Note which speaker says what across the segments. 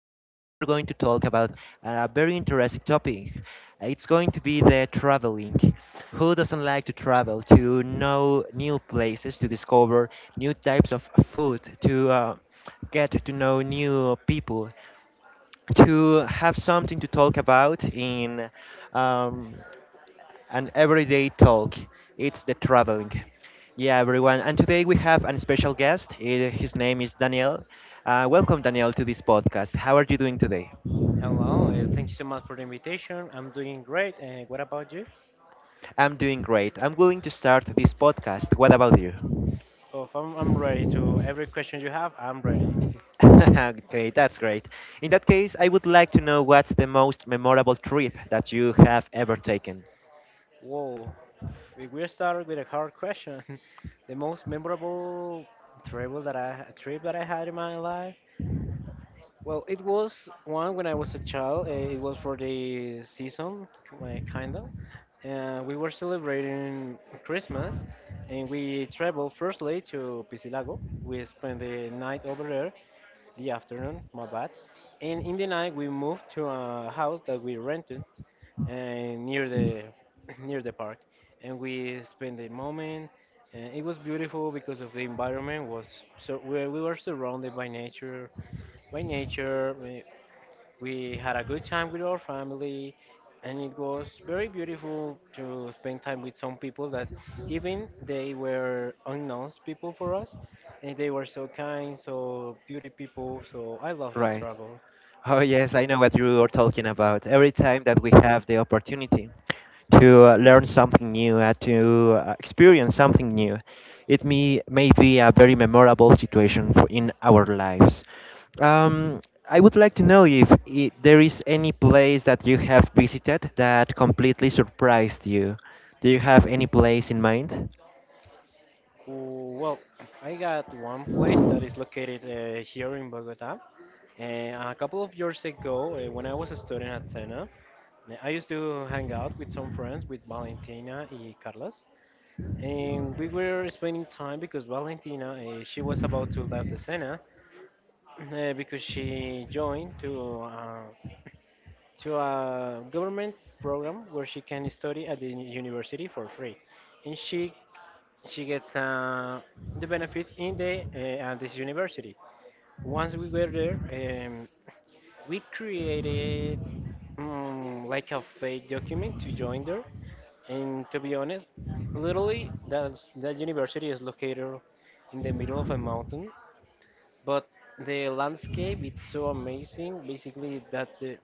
Speaker 1: Today, we are going to talk about a very interesting topic. It's going to be the traveling. Who doesn't like to travel, to know new places, to discover new types of food, to get to know new people? To have something to talk about in um, an everyday talk. It's the traveling. Yeah, everyone. And today we have a special guest. His name is Daniel. Welcome, Daniel, to this podcast. How are you doing today?
Speaker 2: Hello, thank you so much for the invitation. I'm doing great. And what about you?
Speaker 1: I'm doing great. I'm willing to start this podcast. What about you?
Speaker 2: Oh, I'm ready to every question you have. I'm ready.
Speaker 1: Okay, that's great. In that case, I would like to know what's the most memorable trip that you have ever taken.
Speaker 2: Whoa, if we start with a hard question, the most memorable travel that I trip that I had in my life. Well, it was one when I was a child. It was for the season, kind of. We were celebrating Christmas, and we traveled firstly to Pisilago. We spent the night over there, the afternoon, my bad. And in the night, we moved to a house that we rented near the near the park, and we spent the moment. And it was beautiful because of the environment was so we were surrounded by nature, by nature. We had a good time with our family, and it was very beautiful to spend time with some people that even they were unknown people for us, and they were so kind, so beauty people. So I love that
Speaker 1: Right.
Speaker 2: travel.
Speaker 1: Oh, yes, I know what you are talking about. Every time that we have the opportunity to learn something new, to experience something new, it may be a very memorable situation for, in our lives. Um, I would like to know if I there is any place that you have visited that completely surprised you. Do you have any place in mind?
Speaker 2: Well, I got one place that is located here in Bogota. And a couple of years ago, when I was a student at Sena, I used to hang out with some friends, with Valentina and Carlos. And we were spending time because Valentina she was about to leave the Senate because she joined to a government program where she can study at the university for free, and she gets the benefits in the at this university. Once we were there, we created like a fake document to join there. And to be honest, literally, that university is located in the middle of a mountain, but the landscape it's so amazing. Basically, that the,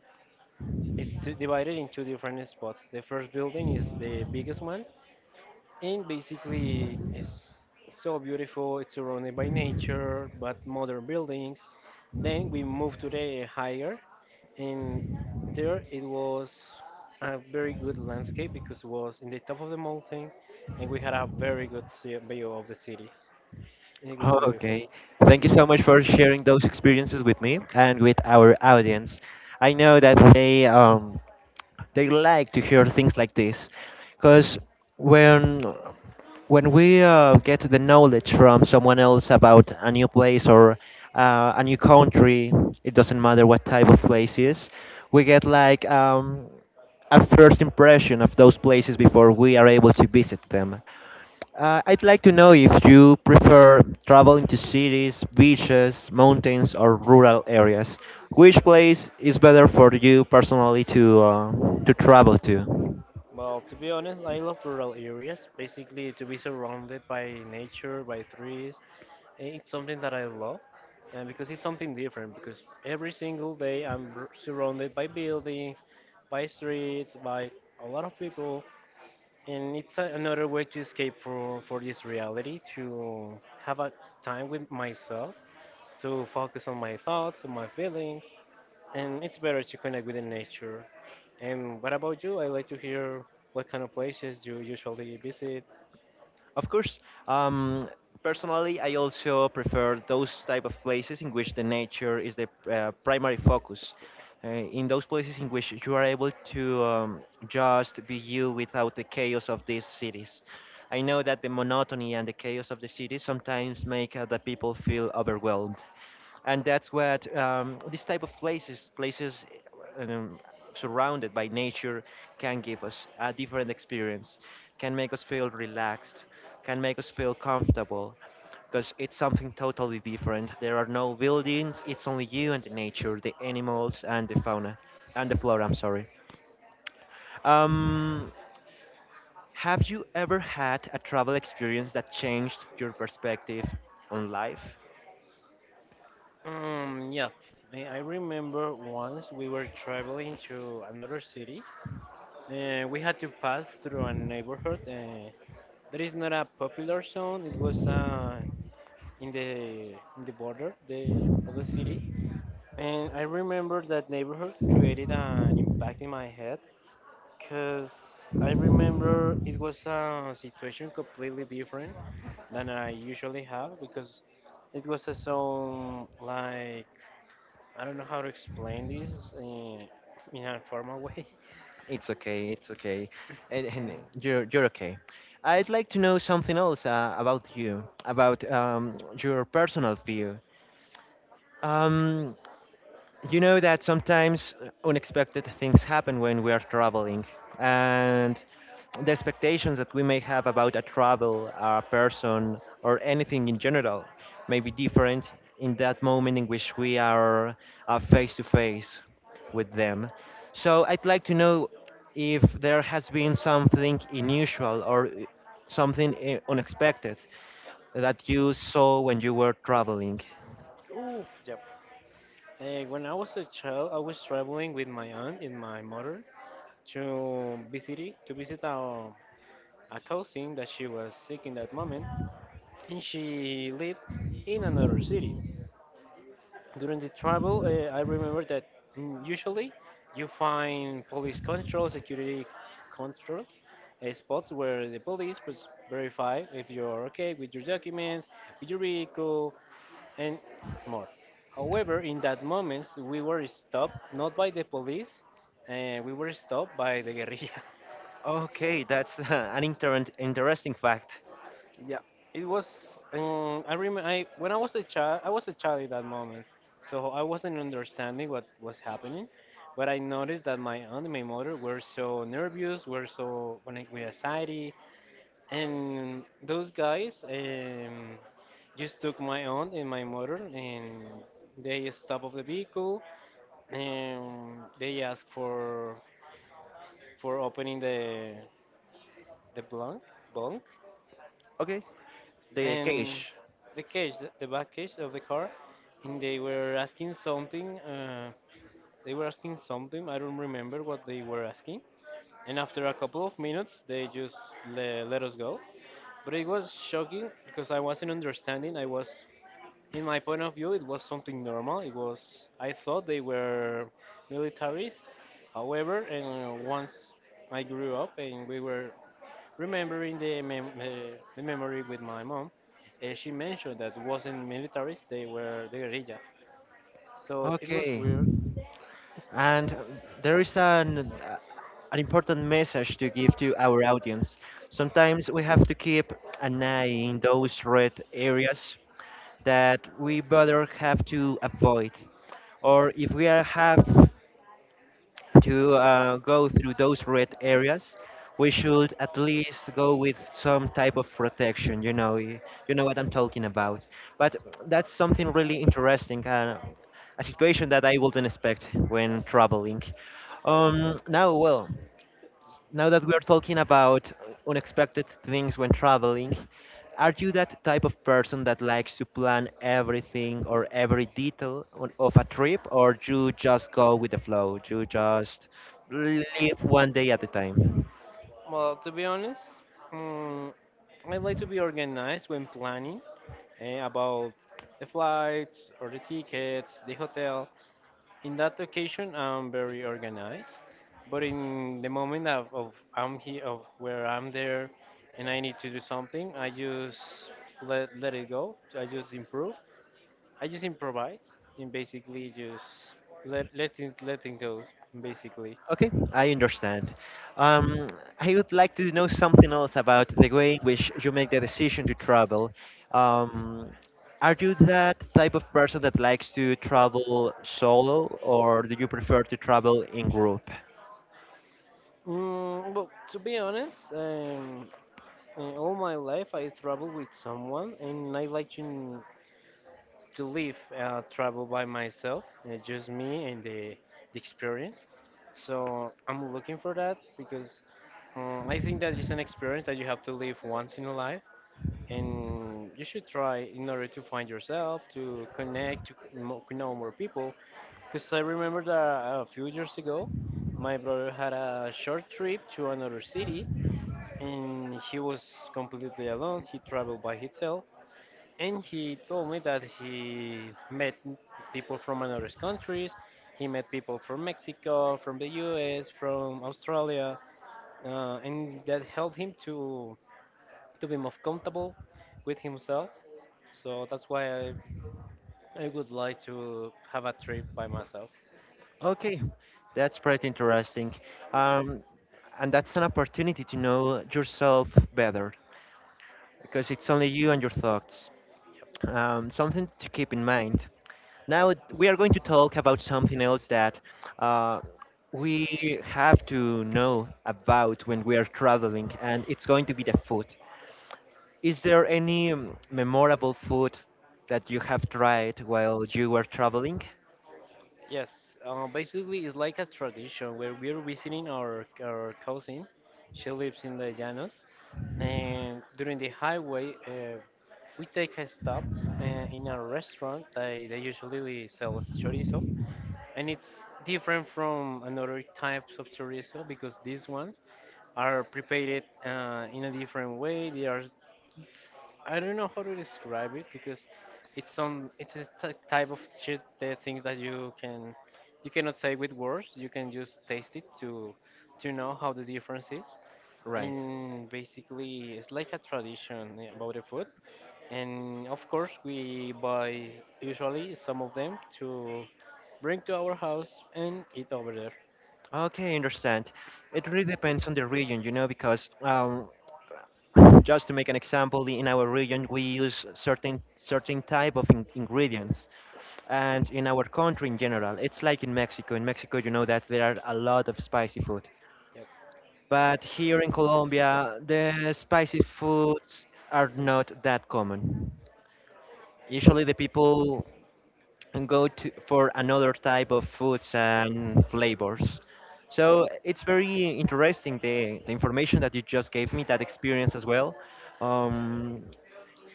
Speaker 2: divided into two different spots. The first building is the biggest one, and basically, it's so beautiful. It's surrounded by nature, but modern buildings. Then we moved to the higher, and there it was a very good landscape because it was in the top of the mountain, and we had a very good view of the city. It was
Speaker 1: Oh,
Speaker 2: beautiful.
Speaker 1: okay. Thank you so much for sharing those experiences with me and with our audience. I know that they like to hear things like this because when when we get the knowledge from someone else about a new place or a new country, it doesn't matter what type of place is, we get like a first impression of those places before we are able to visit them. I'd like to know if you prefer traveling to cities, beaches, mountains, or rural areas. Which place is better for you personally to travel to?
Speaker 2: Well, to be honest, I love rural areas. Basically, to be surrounded by nature, by trees, it's something that I love, and because it's something different. Because every single day I'm surrounded by buildings, by streets, by a lot of people, and it's a, another way to escape for this reality, to have a time with myself, to focus on my thoughts, on my feelings, and it's better to connect with the nature. And what about you? I'd like to hear what kind of places you usually visit.
Speaker 1: Of course. um, Personally, I also prefer those type of places in which the nature is the primary focus. In those places in which you are able to just be you without the chaos of these cities. I know that the monotony and the chaos of the city sometimes make the people feel overwhelmed, and that's what this type of places, um, surrounded by nature, can give us a different experience, can make us feel relaxed, can make us feel comfortable, because it's something totally different. There are no buildings. It's only you and the nature, the animals, and the fauna and the flora. I'm sorry. um, have you ever had a travel experience that changed your perspective on life?
Speaker 2: Yeah, I remember once we were traveling to another city, and we had to pass through a neighborhood. That is not a popular zone. It was in the in the border the, of the city, and I remember that neighborhood created an impact in my head. Because I remember it was a situation completely different than I usually have because it was a song like, I don't know how to explain this in a formal way.
Speaker 1: It's okay, it's okay. And
Speaker 2: Um,
Speaker 1: You're okay. I'd like to know something else about you, about your personal view. Um, you know that sometimes unexpected things happen when we are traveling, and the expectations that we may have about a travel, a person, or anything in general may be different in that moment in which we are face to face with them. So I'd like to know if there has been something unusual or something unexpected that you saw when you were traveling.
Speaker 2: oof, yep. When I was a child, I was traveling with my aunt and my mother to visit a cousin that she was sick in that moment, and she lived in another city. During the travel, I remember that usually you find police control, security control spots where the police was verify if you're okay with your documents, with your vehicle, and more. However, in that moment, we were stopped not by the police, we were stopped by the guerrilla.
Speaker 1: Okay, that's an interesting fact.
Speaker 2: Yeah, it was. When I was a child. I was a child at that moment, so I wasn't understanding what was happening. But I noticed that my aunt and my mother were so nervous, were so connected with anxiety, and those guys just took my aunt and my mother, and they stopped of the vehicle, and they asked for opening the blank bunk
Speaker 1: Okay, the
Speaker 2: and
Speaker 1: cache.
Speaker 2: the cage, the back cage of the car, and they were asking something. They were asking something. I don't remember what they were asking. And after a couple of minutes, they just let us go. But it was shocking because I wasn't understanding. I was in my point of view, it was something normal. It was I thought they were militaries. However, and once I grew up and we were remembering the the memory with my mom, she mentioned that wasn't militaries. They were the guerrilla. So it was
Speaker 1: Okay,
Speaker 2: weird.
Speaker 1: and there is an important message to give to our audience. Sometimes we have to keep an eye in those red areas that we better have to avoid, or if we are have to go through those red areas, we should at least go with some type of protection. You know, you know what I'm talking about. But that's something really interesting, a situation that I wouldn't expect when traveling. Now, now that we are talking about unexpected things when traveling, are you that type of person that likes to plan everything or every detail of a trip, or you just go with the flow? You just live one day at a time?
Speaker 2: Well, to be honest, mm, I like to be organized when planning about the flights or the tickets, the hotel. In that occasion, I'm very organized, but in the moment of I'm here, of where I'm there, and I need to do something, I just let it go. I just improve. I just improvise and basically just let things go. Basically,
Speaker 1: Okay, I understand. Um, I would like to know something else about the way in which you make the decision to travel. Um, are you that type of person that likes to travel solo, or do you prefer to travel in group?
Speaker 2: well, to be honest, all my life I travel with someone, and I like to. To live, travel by myself, just me and the experience. So I'm looking for that because I think that is an experience that you have to live once in a life, and you should try in order to find yourself, to connect, to know more people. Because I remember that a few years ago, my brother had a short trip to another city, and he was completely alone. He traveled by himself and he told me that he met people from another countries. He met people from Mexico, from the U.S., from Australia, and that helped him to be more comfortable with himself. So that's why I would like to have a trip by myself.
Speaker 1: Okay, that's pretty interesting. Um, and that's an opportunity to know yourself better, because it's only you and your thoughts. Something to keep in mind. Now we are going to talk about something else that uh, we have to know about when we are traveling, and it's going to be the food. Is there any memorable food that you have tried while you were traveling?
Speaker 2: Yes, basically it's like a tradition where we're visiting our cousin. She lives in the Llanos, and during the highway, we take a stop uh, in a restaurant. They usually sell chorizo, and it's different from another types of chorizo because these ones are prepared in a different way. They are, it's, I don't know how to describe it because it's a type of shit, the things that you can, you cannot say with words. You can just taste it to know how the difference is.
Speaker 1: Right.
Speaker 2: And basically, it's like a tradition about the food and of course, we buy usually some of them to bring to our house and eat over there.
Speaker 1: Okay, I understand. It really depends on the region, you know, because just to make an example, in our region we use certain type of in ingredients, and in our country in general, it's like in Mexico. In Mexico, you know that there are a lot of spicy food,
Speaker 2: Yep.
Speaker 1: but here in Colombia, the spicy foods are not that common. Usually, the people and go to for another type of foods and flavors. So it's very interesting the information that you just gave me, that experience as well. Um,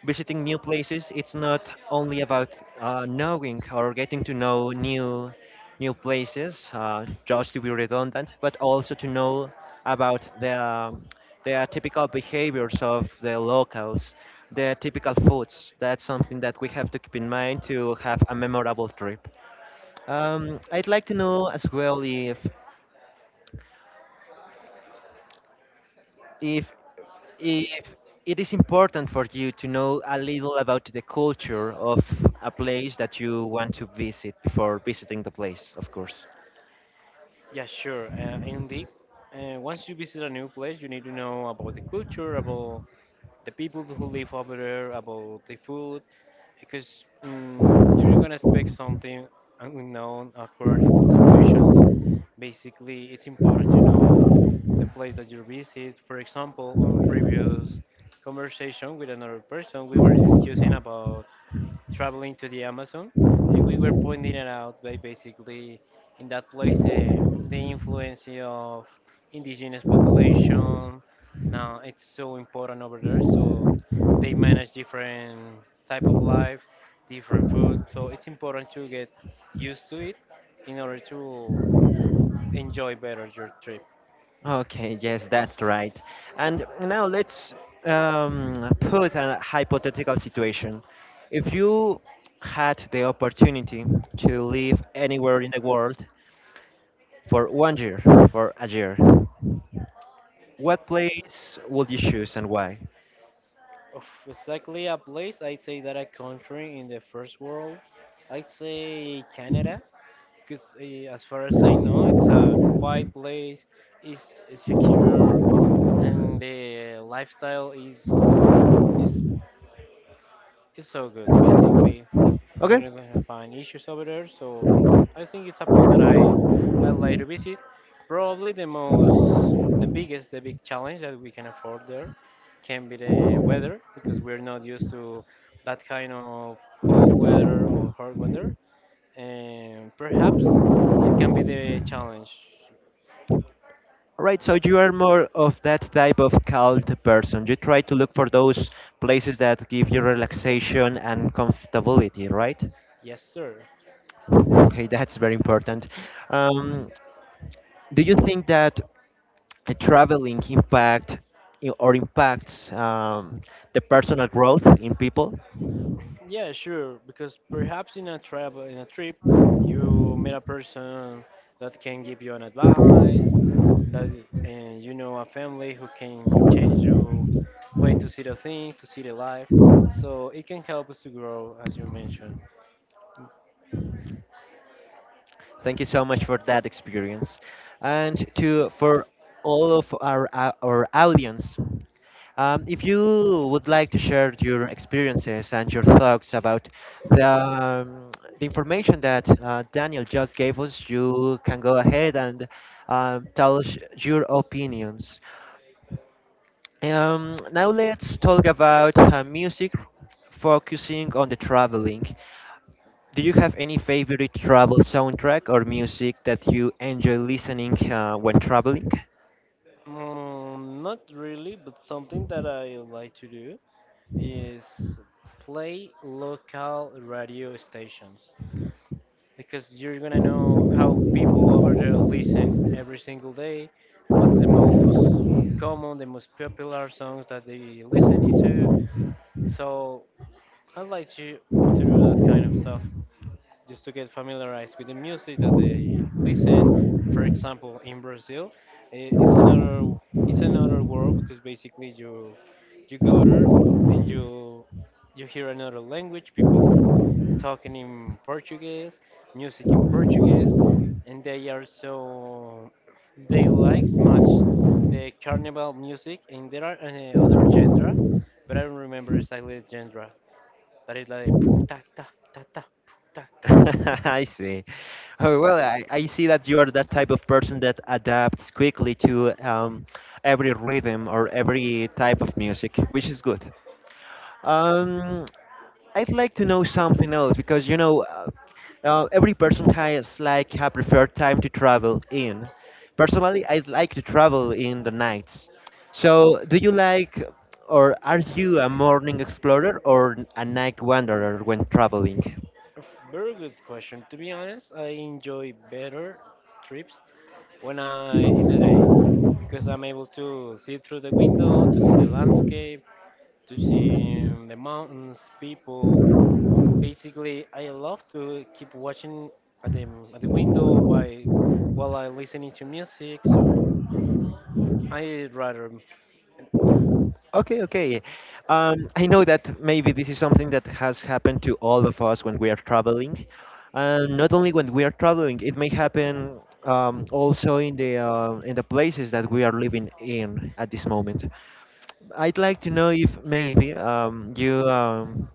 Speaker 1: Visiting new places, it's not only about knowing or getting to know new places, just to be redundant, but also to know about the their typical behaviors of the locals, their typical foods. That's something that we have to keep in mind to have a memorable trip. I'd like to know as well if if it is important for you to know a little about the culture of a place that you want to visit before visiting the place, of course.
Speaker 2: Yeah, sure. Indeed. Once you visit a new place, you need to know about the culture, about the people who live over there, about the food, because you're gonna expect something unknown, awkward situations. Basically, it's important to know the place that you visit. For example, on previous conversation with another person, we were discussing about traveling to the Amazon, and we were pointing it out by basically in that place the influence of indigenous population. Now it's so important over there, so they manage different type of life, different food. So it's important to get used to it in order to enjoy better your trip.
Speaker 1: Okay, yes, that's right. And now let's put a hypothetical situation. If you had the opportunity to live anywhere in the world for 1 year, for a year, what place would you choose and why?
Speaker 2: Of exactly a place, I'd say that a country in the first world, I'd say Canada, because as far as I know, it's a quiet place, it's secure, and the lifestyle is so good. Basically, you're
Speaker 1: Okay.
Speaker 2: not gonna find issues over there. So, I think it's a place that I like to visit. Probably the most the biggest, the big challenge that we can afford there can be the weather because we're not used to that kind of cold weather or hot weather. And perhaps it can be the challenge.
Speaker 1: Right, so you are more of that type of calm person. You try to look for those places that give you relaxation and comfortability, right?
Speaker 2: Yes, sir.
Speaker 1: Okay, that's very important. Um, do you think that traveling impact I- or impacts the personal growth in people?
Speaker 2: Yeah, sure. Because perhaps in a travel, in a trip, you meet a person that can give you an advice, that and you know a family who can change your way to see the thing, to see the life. So it can help us to grow, as you mentioned.
Speaker 1: Thank you so much for that experience. And to for all of our our audience, if you would like to share your experiences and your thoughts about the, um, the information that Daniel just gave us, you can go ahead and tell us your opinions. Now let's talk about music focusing on the traveling. Do you have any favorite travel soundtrack or music that you enjoy listening when traveling?
Speaker 2: Not really, but something that I like to do is play local radio stations because you're gonna know how people over there listen every single day, what's the most common, the most popular songs that they listening to. So I like to do that kind of stuff just to get familiarized with the music that they listen. For example, in Brazil, i- it's another it's another world because basically you go there and you hear another language, people talking in Portuguese, music in Portuguese, and they are so they like much the carnival music, and there are other genre, but I don't remember exactly the genre. But it's like ta ta ta ta ta ta.
Speaker 1: I see. Oh, well, I see that you are that type of person that adapts quickly to every rhythm or every type of music, which is good. Um, I'd like to know something else because you know, every person has like a preferred time to travel in. Personally, I'd like to travel in the nights. So, do you like, or are you a morning explorer or a night wanderer when traveling?
Speaker 2: A Very good question. To be honest, I enjoy better trips when I in the day, because I'm able to see through the window, to see the landscape, to see the mountains, people. Basically, I love to keep watching at the at the window by while I'm listening to music. So I rather.
Speaker 1: Okay, okay. I know that maybe this is something that has happened to all of us when we are traveling. And not only when we are traveling, it may happen also in the places that we are living in at this moment. I'd like to know if maybe you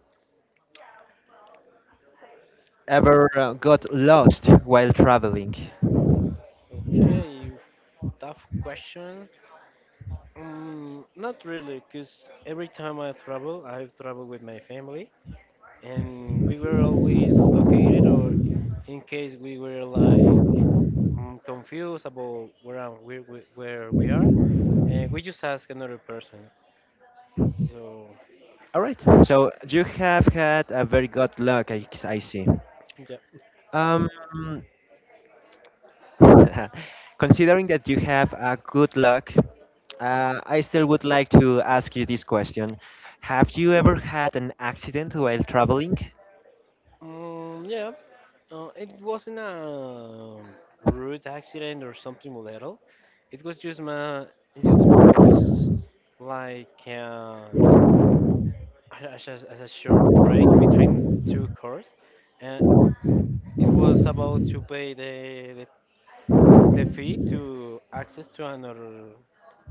Speaker 1: ever got lost while traveling.
Speaker 2: Okay. Tough question. Not really, because every time I travel with my family. And we were always located, or in case we were like, confused about where, I'm, where we are, and we just ask another person, so.
Speaker 1: All right. So you have had a very good luck, I see.
Speaker 2: Yeah.
Speaker 1: Um, Considering that you have a good luck, I still would like to ask you this question. Have you ever had an accident while traveling?
Speaker 2: Mm, yeah. It wasn't a rude accident or something little, it was just my it just was like, as a short break between two cars. And it was about to pay the fee to access to another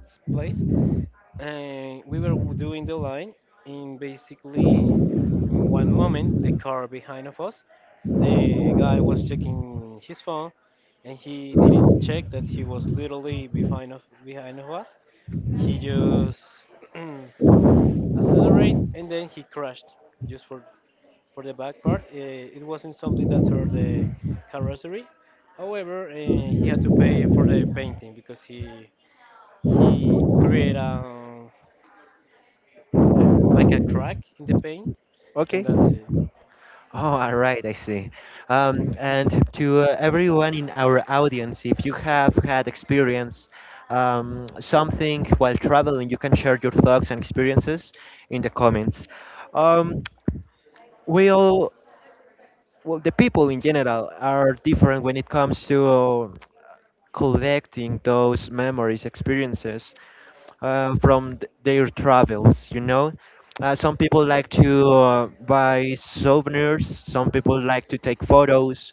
Speaker 2: place, and we were doing the line in, basically. In one moment, the car behind of us, the guy was checking his phone, and he didn't check that he was literally behind of us. He just accelerate, and then he crashed, just for the back part. It wasn't something that hurt the carrossery. However, he had to pay for the painting, because he create a like a crack in the paint, and
Speaker 1: Okay.
Speaker 2: that's
Speaker 1: Oh,
Speaker 2: it.
Speaker 1: all right, I see. And to everyone in our audience, if you have had experience something while traveling, you can share your thoughts and experiences in the comments. Um, we'll Well, the people in general are different when it comes to collecting those memories, experiences from their travels, you know? Some people like to buy souvenirs, some people like to take photos,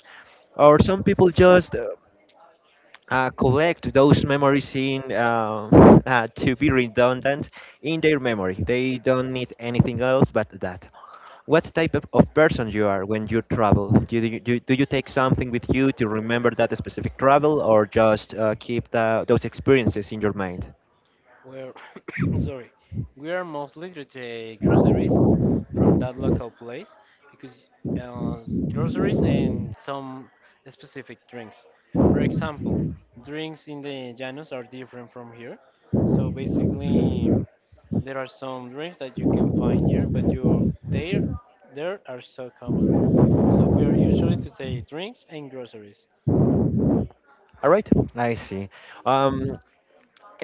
Speaker 1: or some people just collect those memories in, to be redundant, in their memory. They don't need anything else but that. What type of person you are when you travel? Do you take something with you to remember that specific travel or just keep those experiences in your mind?
Speaker 2: We're sorry, we are mostly to take groceries from that local place, because, uh, groceries and some specific drinks. For example, drinks in the Llanos are different from here, so basically there are some drinks that you can find here, but you there there are so common. So we are usually to take drinks and groceries.
Speaker 1: All right, I see. Um,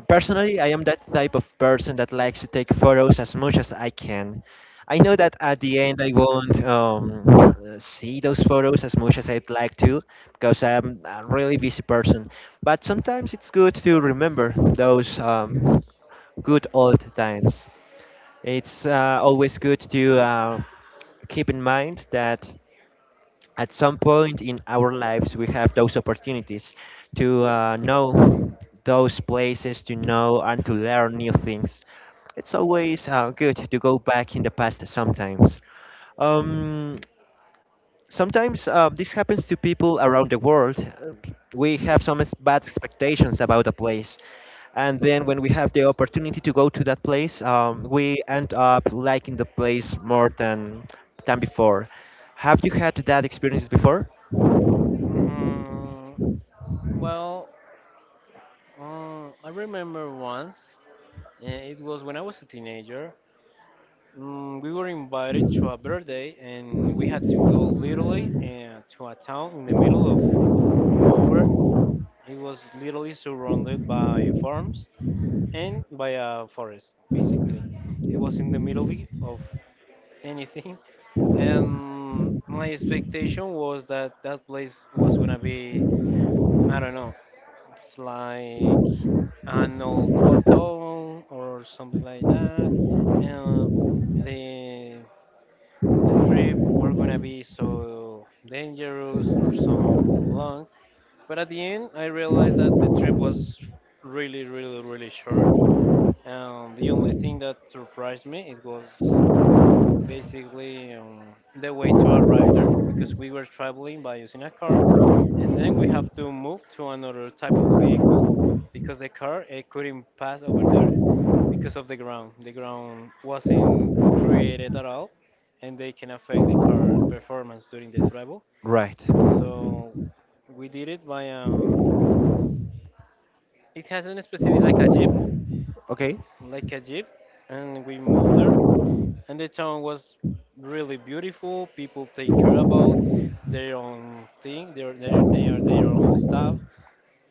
Speaker 1: Personally, I am that type of person that likes to take photos as much as I can. I know that at the end I won't see those photos as much as I'd like to, because I'm a really busy person. But sometimes it's good to remember those good old times. It's always good to keep in mind that at some point in our lives we have those opportunities to know those places, to know and to learn new things. It's always good to go back in the past sometimes. Um, Sometimes this happens to people around the world. We have some bad expectations about a place, and then when we have the opportunity to go to that place, we end up liking the place more than before. Have you had that experience before?
Speaker 2: Mm, well, I remember once, it was when I was a teenager. Mm, we were invited to a birthday, and we had to go literally, to a town in the middle of nowhere. It was literally surrounded by farms and by a forest, basically. It was in the middle of anything. And my expectation was that that place was gonna be, I don't know, it's like an old auto or something like that. And the the trip were gonna be so dangerous or so long. But at the end, I realized that the trip was really, really, really short. And the only thing that surprised me, it was basically, the way to arrive there, because we were traveling by using a car, and then we have to move to another type of vehicle, because the car, couldn't pass over there, because of the ground wasn't created at all, and they can affect the car performance during the travel.
Speaker 1: Right.
Speaker 2: So we did it by, it has a specific like a jeep
Speaker 1: Okay.
Speaker 2: like a jeep and we moved there, and the town was really beautiful. People take care about their own thing, their, they are their own stuff.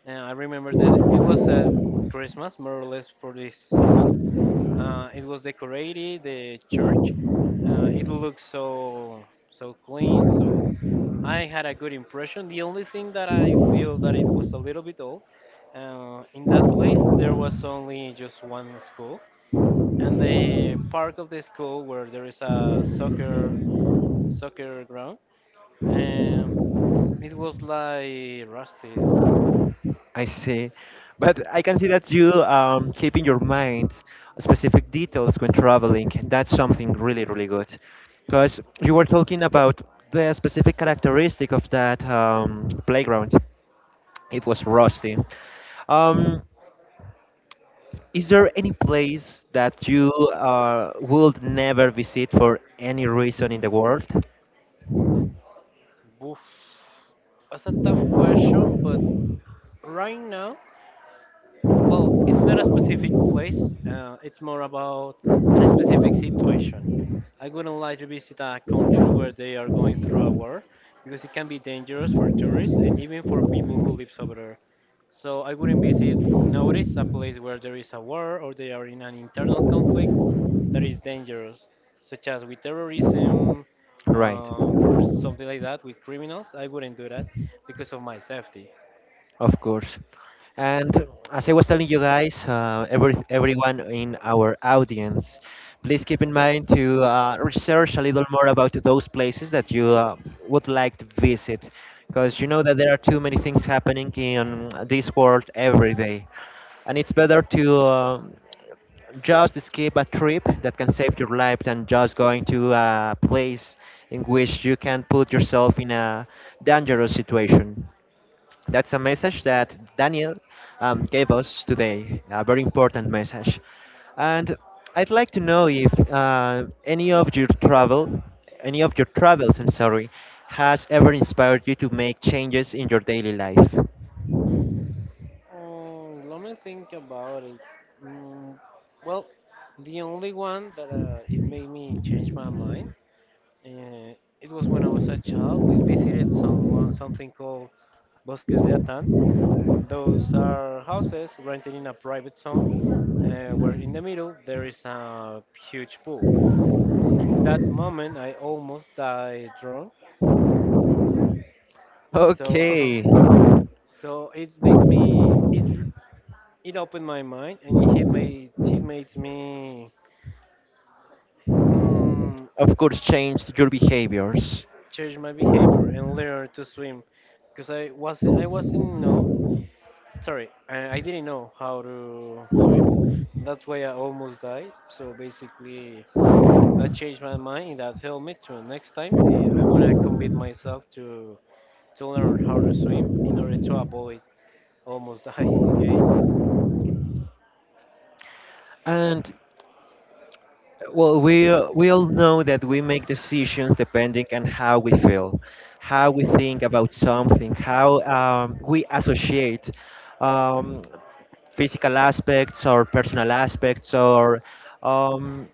Speaker 2: And I remember that it was at Christmas, more or less, for this season. It was decorated, the church. It looked so clean, so I had a good impression. The only thing that I feel that it was a little bit old. In that place, there was only just one school, and the park of the school where there is a soccer ground, and it was like rusty.
Speaker 1: I see. But I can see that you keep in your mind specific details when traveling. That's something really, really good. Because you were talking about the specific characteristic of that playground. It was rusty. Um, is there any place that you would never visit for any reason in the world?
Speaker 2: Oof, that's a tough question, but right now. Well, it's not a specific place. It's more about a specific situation. I wouldn't like to visit a country where they are going through a war, because it can be dangerous for tourists and even for people who live over there. So I wouldn't visit nowadays a place where there is a war or they are in an internal conflict that is dangerous, such as with terrorism,
Speaker 1: Right.
Speaker 2: or something like that with criminals. I wouldn't do that because of my safety.
Speaker 1: Of course. And as I was telling you guys, everyone in our audience, please keep in mind to research a little more about those places that you would like to visit, because you know that there are too many things happening in this world every day, and it's better to just skip a trip that can save your life than just going to a place in which you can put yourself in a dangerous situation. That's a message that Daniel gave us today, a very important message. And I'd like to know if any of your travels, I'm sorry, has ever inspired you to make changes in your daily life.
Speaker 2: Mm, let me think about it. Mm, well, the only one that, it made me change my mind, uh, it was when I was a child. We visited someone something called Bosques de Atan. Those are houses rented in a private zone, where in the middle there is a huge pool. In that moment, I almost died drunk. So,
Speaker 1: Okay,
Speaker 2: so it makes me it r- it opened my mind, and it hit my it made me, mm,
Speaker 1: of course, changed your behaviors.
Speaker 2: change my behavior and learn to swim, because I wasn't know sorry, I didn't know how to swim. That's why I almost died, so basically that changed my mind, that helped me to next time, I want to commit myself to learn how to swim in order to avoid almost die again.
Speaker 1: And well, we all know that we make decisions depending on how we feel, how we think about something, how we associate um, physical aspects or personal aspects, or um,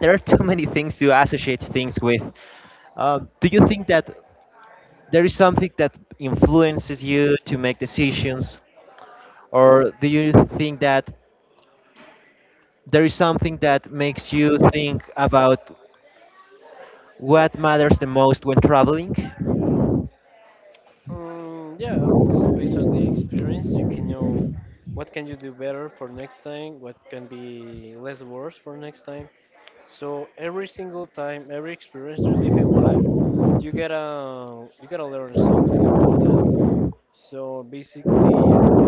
Speaker 1: there are too many things to associate things with. Do you think that there is something that influences you to make decisions, or do you think that there is something that makes you think about what matters the most when traveling?
Speaker 2: Mm, yeah, because based on the experience you can know what can you do better for next time, what can be less worse for next time. So every single time, every experience you live in life, you gotta learn something about that. So basically,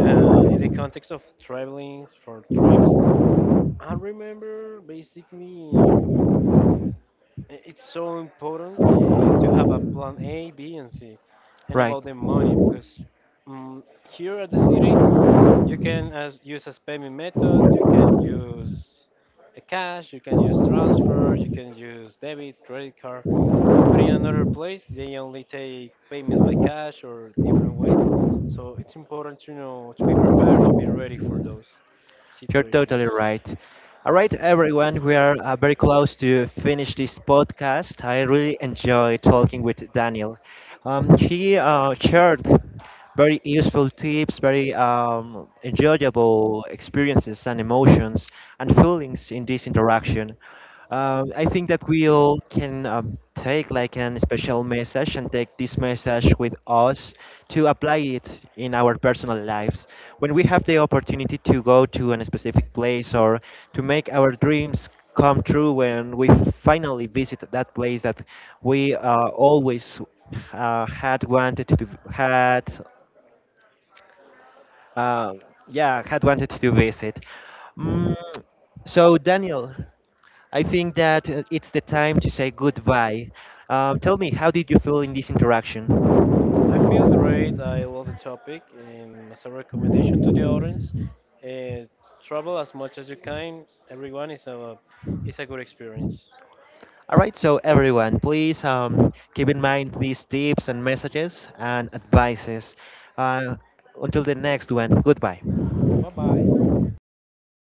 Speaker 2: in the context of traveling for trips, I remember basically, it's so important, to have a plan A, B, and C, and
Speaker 1: Right,
Speaker 2: about the money. Because, um, here at the city, you can, use a payment method, you can use a cash, you can use transfer, you can use debit, credit card. But in another place, they only take payments by cash or different ways. So it's important to know, to be prepared, to be ready for those
Speaker 1: you're totally
Speaker 2: situations.
Speaker 1: right. All right, everyone, we are very close to finish this podcast. I really enjoy talking with Daniel. He shared very useful tips, very enjoyable experiences and emotions and feelings in this interaction. I think that we all can take like an special message and take this message with us to apply it in our personal lives. When we have the opportunity to go to a specific place or to make our dreams come true, when we finally visit that place that we always had wanted to had uh, yeah had wanted to visit. Mm, so Daniel. I think that it's the time to say goodbye. Tell me, how did you feel in this interaction?
Speaker 2: I feel great. I love the topic. And as a recommendation to the audience, uh, travel as much as you can. Everyone is a good experience.
Speaker 1: All right, so everyone, please keep in mind these tips and messages and advices. Uh, until the next one, goodbye.
Speaker 2: Bye bye.